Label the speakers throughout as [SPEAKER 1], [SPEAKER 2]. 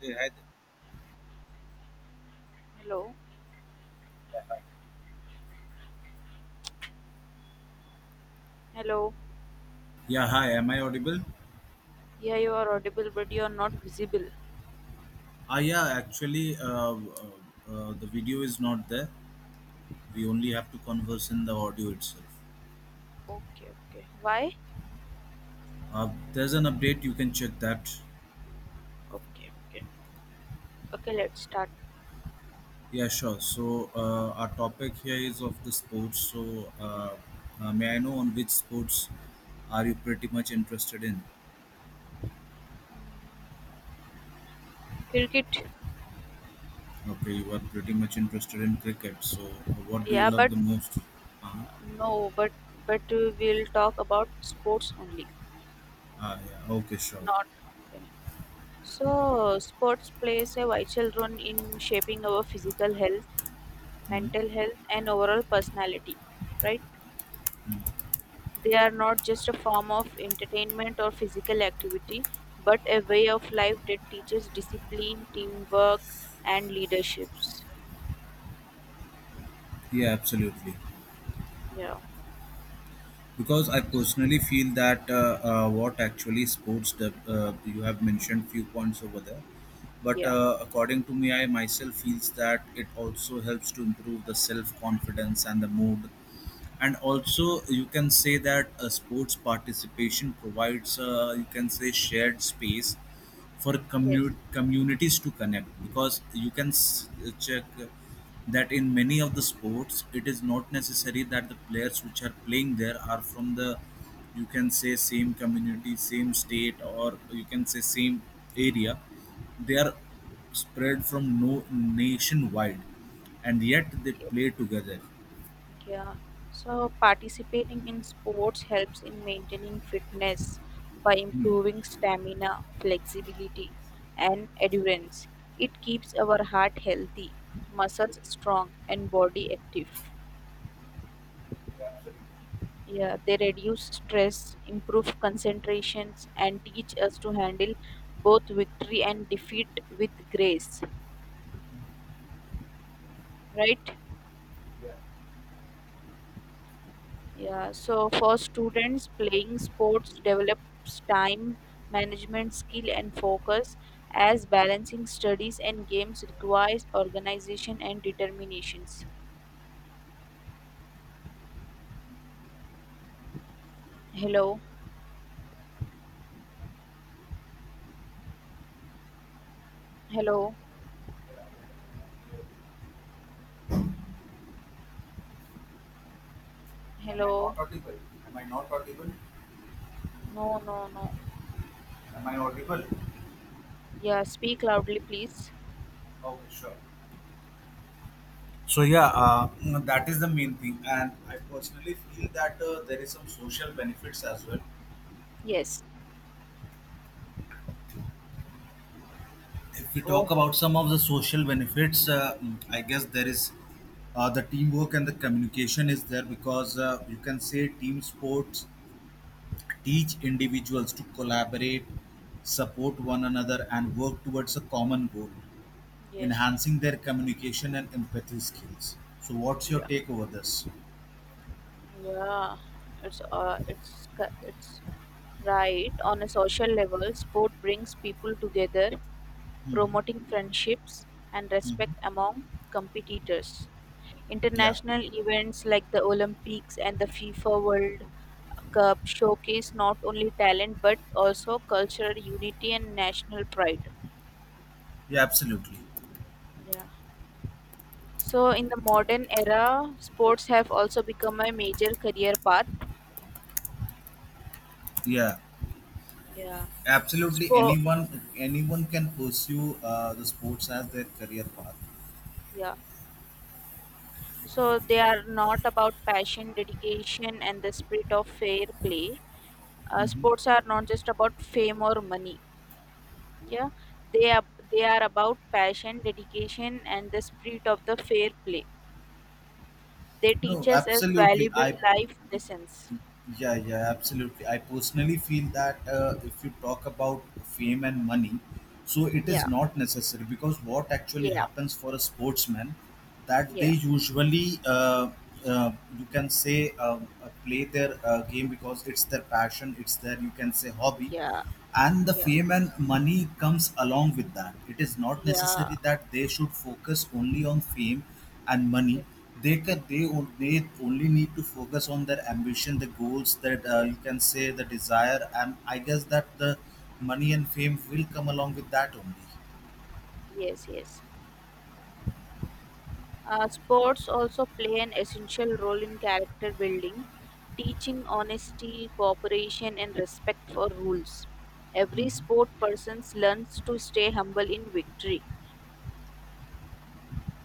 [SPEAKER 1] Yeah, I-
[SPEAKER 2] Hello, hello.
[SPEAKER 1] Yeah, hi. Am I audible?
[SPEAKER 2] Yeah, you are audible, but you are not visible.
[SPEAKER 1] Ah, yeah. Actually, uh, the video is not there. We only have to converse in the audio itself.
[SPEAKER 2] Okay, okay. Why?
[SPEAKER 1] There's an update. You can check that.
[SPEAKER 2] Okay, okay. Okay, let's start.
[SPEAKER 1] Yeah, sure. So our topic here is of the sports. So may I know on which sports are you pretty much interested in?
[SPEAKER 2] Cricket.
[SPEAKER 1] Okay, you are pretty much interested in cricket. So what do you
[SPEAKER 2] Yeah,
[SPEAKER 1] love
[SPEAKER 2] but
[SPEAKER 1] the most? Uh-huh.
[SPEAKER 2] no, but we'll talk about sports only.
[SPEAKER 1] Ah, yeah. Okay, sure.
[SPEAKER 2] Not okay. So, sports plays a vital role in shaping our physical health, mental health, and overall personality, right? They are not just a form of entertainment or physical activity, but a way of life that teaches discipline, teamwork, and leaderships.
[SPEAKER 1] Yeah, absolutely.
[SPEAKER 2] Yeah.
[SPEAKER 1] Because I personally feel that what actually sports the you have mentioned few points over there, but
[SPEAKER 2] Yeah.
[SPEAKER 1] according to me, I myself feels that it also helps to improve the self confidence and the mood, and also you can say that sports participation provides you can say shared space for
[SPEAKER 2] Yes.
[SPEAKER 1] communities to connect because you can check that in many of the sports, it is not necessary that the players which are playing there are from the, you can say, same community, same state, or you can say same area. They are spread from no nationwide, and yet they play together.
[SPEAKER 2] Yeah. So participating in sports helps in maintaining fitness by improving stamina, flexibility, and endurance. It keeps our heart healthy, muscles strong, and body active. Yeah, they reduce stress, improve concentrations, and teach us to handle both victory and defeat with grace. Right? Yeah, so for students, playing sports develops time management skill and focus, as balancing studies and games requires organization and determinations. Hello, hello,
[SPEAKER 1] Am I
[SPEAKER 2] hello.
[SPEAKER 1] not audible? Am I not audible?
[SPEAKER 2] No, no, no.
[SPEAKER 1] Am I audible?
[SPEAKER 2] Yeah, speak loudly, please.
[SPEAKER 1] Okay, sure. So yeah,
[SPEAKER 2] Okay.
[SPEAKER 1] that is the main thing, and I personally feel that there is some social benefits as well.
[SPEAKER 2] Yes.
[SPEAKER 1] If we talk
[SPEAKER 2] Oh,
[SPEAKER 1] about some of the social benefits, I guess there is the teamwork and the communication is there because you can say team sports teach individuals to collaborate, support one another, and work towards a common goal,
[SPEAKER 2] yes.
[SPEAKER 1] enhancing their communication and empathy skills. So, what's your
[SPEAKER 2] Yeah.
[SPEAKER 1] take over this?
[SPEAKER 2] Yeah, it's right. On a social level, sport brings people together, promoting friendships and
[SPEAKER 1] Hmm.
[SPEAKER 2] respect among competitors.
[SPEAKER 1] Yeah,
[SPEAKER 2] International events like the Olympics and the FIFA World Cup showcase not only talent but also cultural unity and national pride.
[SPEAKER 1] yeah, absolutely.
[SPEAKER 2] Yeah. So in the modern era, sports have also become a major career path.
[SPEAKER 1] Yeah,
[SPEAKER 2] Yeah.
[SPEAKER 1] absolutely.
[SPEAKER 2] Sport.
[SPEAKER 1] Anyone, anyone can pursue the sports as their career path.
[SPEAKER 2] Yeah. So they are not about passion, dedication, and the spirit of fair play.
[SPEAKER 1] Hmm.
[SPEAKER 2] Sports are not just about fame or money. Yeah, they are they are about passion, dedication, and the spirit of the fair play. They
[SPEAKER 1] No,
[SPEAKER 2] teach us as
[SPEAKER 1] absolutely.
[SPEAKER 2] valuable
[SPEAKER 1] I
[SPEAKER 2] life lessons.
[SPEAKER 1] Yeah, yeah, absolutely. I personally feel that if you talk about fame and money, so it is
[SPEAKER 2] Yeah,
[SPEAKER 1] not necessary because what actually
[SPEAKER 2] yeah,
[SPEAKER 1] happens for a sportsman, that they
[SPEAKER 2] yeah,
[SPEAKER 1] usually uh, you can say play their game because it's their passion, it's their, you can say, hobby,
[SPEAKER 2] yeah,
[SPEAKER 1] and the
[SPEAKER 2] yeah,
[SPEAKER 1] fame and money comes along with that. It is not necessary
[SPEAKER 2] yeah.
[SPEAKER 1] that they should focus only on fame and money. They only need to focus on their ambition, the goals that you
[SPEAKER 2] Yes,
[SPEAKER 1] can say the desire, and I guess that the money and fame will come along with that only.
[SPEAKER 2] yes, yes. Sports also play an essential role in character building, teaching honesty, cooperation, and respect for rules. Every
[SPEAKER 1] Mhm.
[SPEAKER 2] sport person learns to stay humble in victory.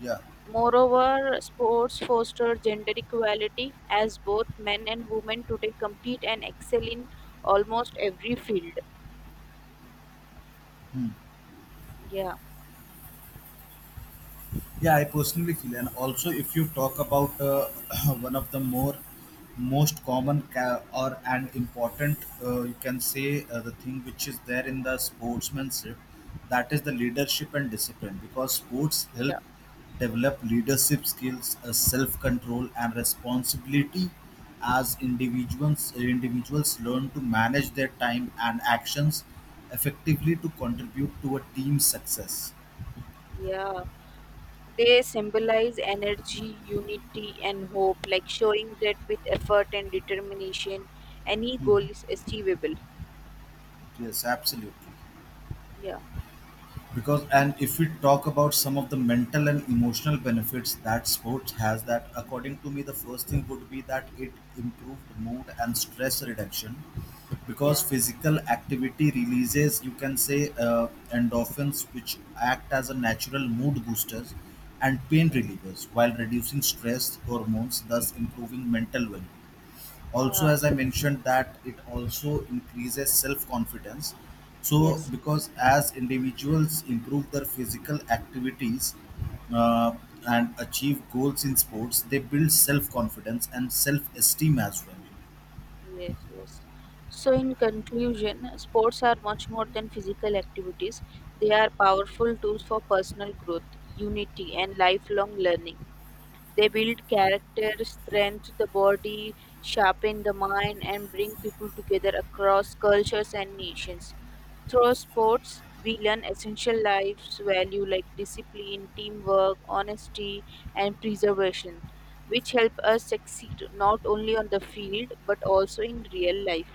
[SPEAKER 1] Yeah.
[SPEAKER 2] Moreover, sports foster gender equality as both men and women today compete and excel in almost every field. Yeah,
[SPEAKER 1] Yeah, I personally feel, and also if you talk about one of the more most common or an important, you can say the thing which is there in the sportsmanship, that is the leadership and discipline, because sports help
[SPEAKER 2] yeah,
[SPEAKER 1] develop leadership skills, self-control, and responsibility as individuals learn to manage their time and actions effectively to contribute to a team's success.
[SPEAKER 2] yeah. They symbolize energy, unity, and hope, like showing that with effort and determination, any goal is achievable.
[SPEAKER 1] Yes, absolutely.
[SPEAKER 2] Yeah,
[SPEAKER 1] Because, and if we talk about some of the mental and emotional benefits that sports has, that according to me the first thing would be that it improved mood and stress reduction, because
[SPEAKER 2] yeah,
[SPEAKER 1] physical activity releases, you can say, endorphins which act as a natural mood boosters and pain
[SPEAKER 2] yeah,
[SPEAKER 1] relievers, while reducing stress hormones, thus improving mental well-being. Also,
[SPEAKER 2] yeah.
[SPEAKER 1] as I mentioned, that it also increases self confidence, so
[SPEAKER 2] Yes,
[SPEAKER 1] because as individuals improve their physical activities, uh, and achieve goals in sports, they build self confidence and self esteem as well.
[SPEAKER 2] yes, yes. So, in conclusion, sports are much more than physical activities, they are powerful tools for personal growth, unity, and lifelong learning. They build character, strengthen the body, sharpen the mind, and bring people together across cultures and nations. Through sports, we learn essential life values like discipline, teamwork, honesty, and preservation, which help us succeed not only on the field but also in real life.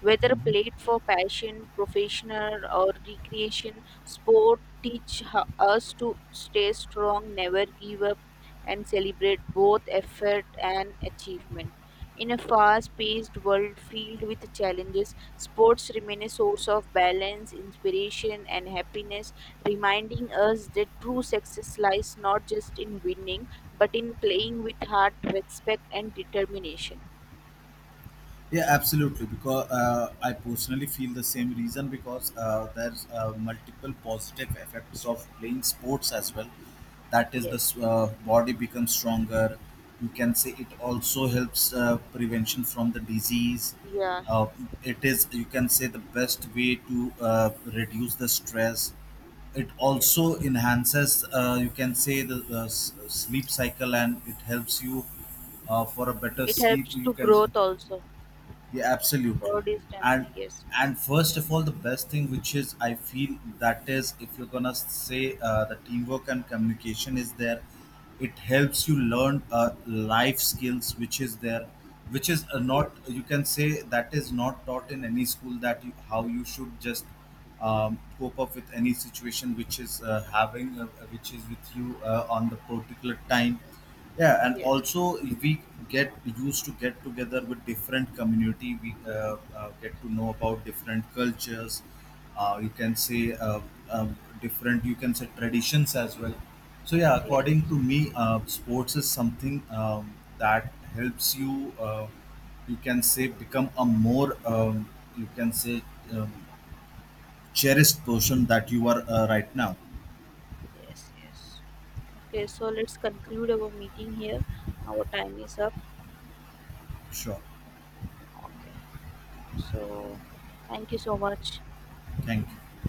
[SPEAKER 2] Whether played for passion, professional, or recreation, us to stay strong, never give up, and celebrate both effort and achievement. In a fast paced world filled with challenges, sports remain a source of balance, inspiration, and happiness, reminding us that true success lies not just in winning but in playing with heart, respect, and determination.
[SPEAKER 1] Yeah, absolutely. Because I personally feel the same reason, because there's multiple positive effects of playing sports as well. That is, the
[SPEAKER 2] Yes,
[SPEAKER 1] body becomes stronger. You can say it also helps prevention from the disease.
[SPEAKER 2] yeah,
[SPEAKER 1] Uh, it is, you can say, the best way to reduce the stress. It also
[SPEAKER 2] yes.
[SPEAKER 1] enhances, you can say, the sleep cycle, and it helps you for a better
[SPEAKER 2] It
[SPEAKER 1] sleep.
[SPEAKER 2] helps
[SPEAKER 1] You
[SPEAKER 2] to
[SPEAKER 1] can
[SPEAKER 2] growth also.
[SPEAKER 1] yeah, absolutely.
[SPEAKER 2] Body
[SPEAKER 1] and
[SPEAKER 2] stamina, yes,
[SPEAKER 1] and first of all, the best thing which is I feel, that is, if you're gonna say the teamwork and communication is there, it helps you learn life skills which is there, which is not,
[SPEAKER 2] yes,
[SPEAKER 1] you can say, that is not taught in any school, that you, how you should just cope up with any situation which is having which is with you on the particular time. Yeah, and
[SPEAKER 2] yes,
[SPEAKER 1] also we get used to get together with different community. We get to know about different cultures, you can say different, you can say, traditions as well. So yeah, according
[SPEAKER 2] yes,
[SPEAKER 1] to me, sports is something that helps you you can say become a more you can say um, cherished person that you are right now.
[SPEAKER 2] yes, yes. Okay, so let's conclude our meeting here. Our time is up.
[SPEAKER 1] Sure.
[SPEAKER 2] Okay, so thank you so much.
[SPEAKER 1] Thank you.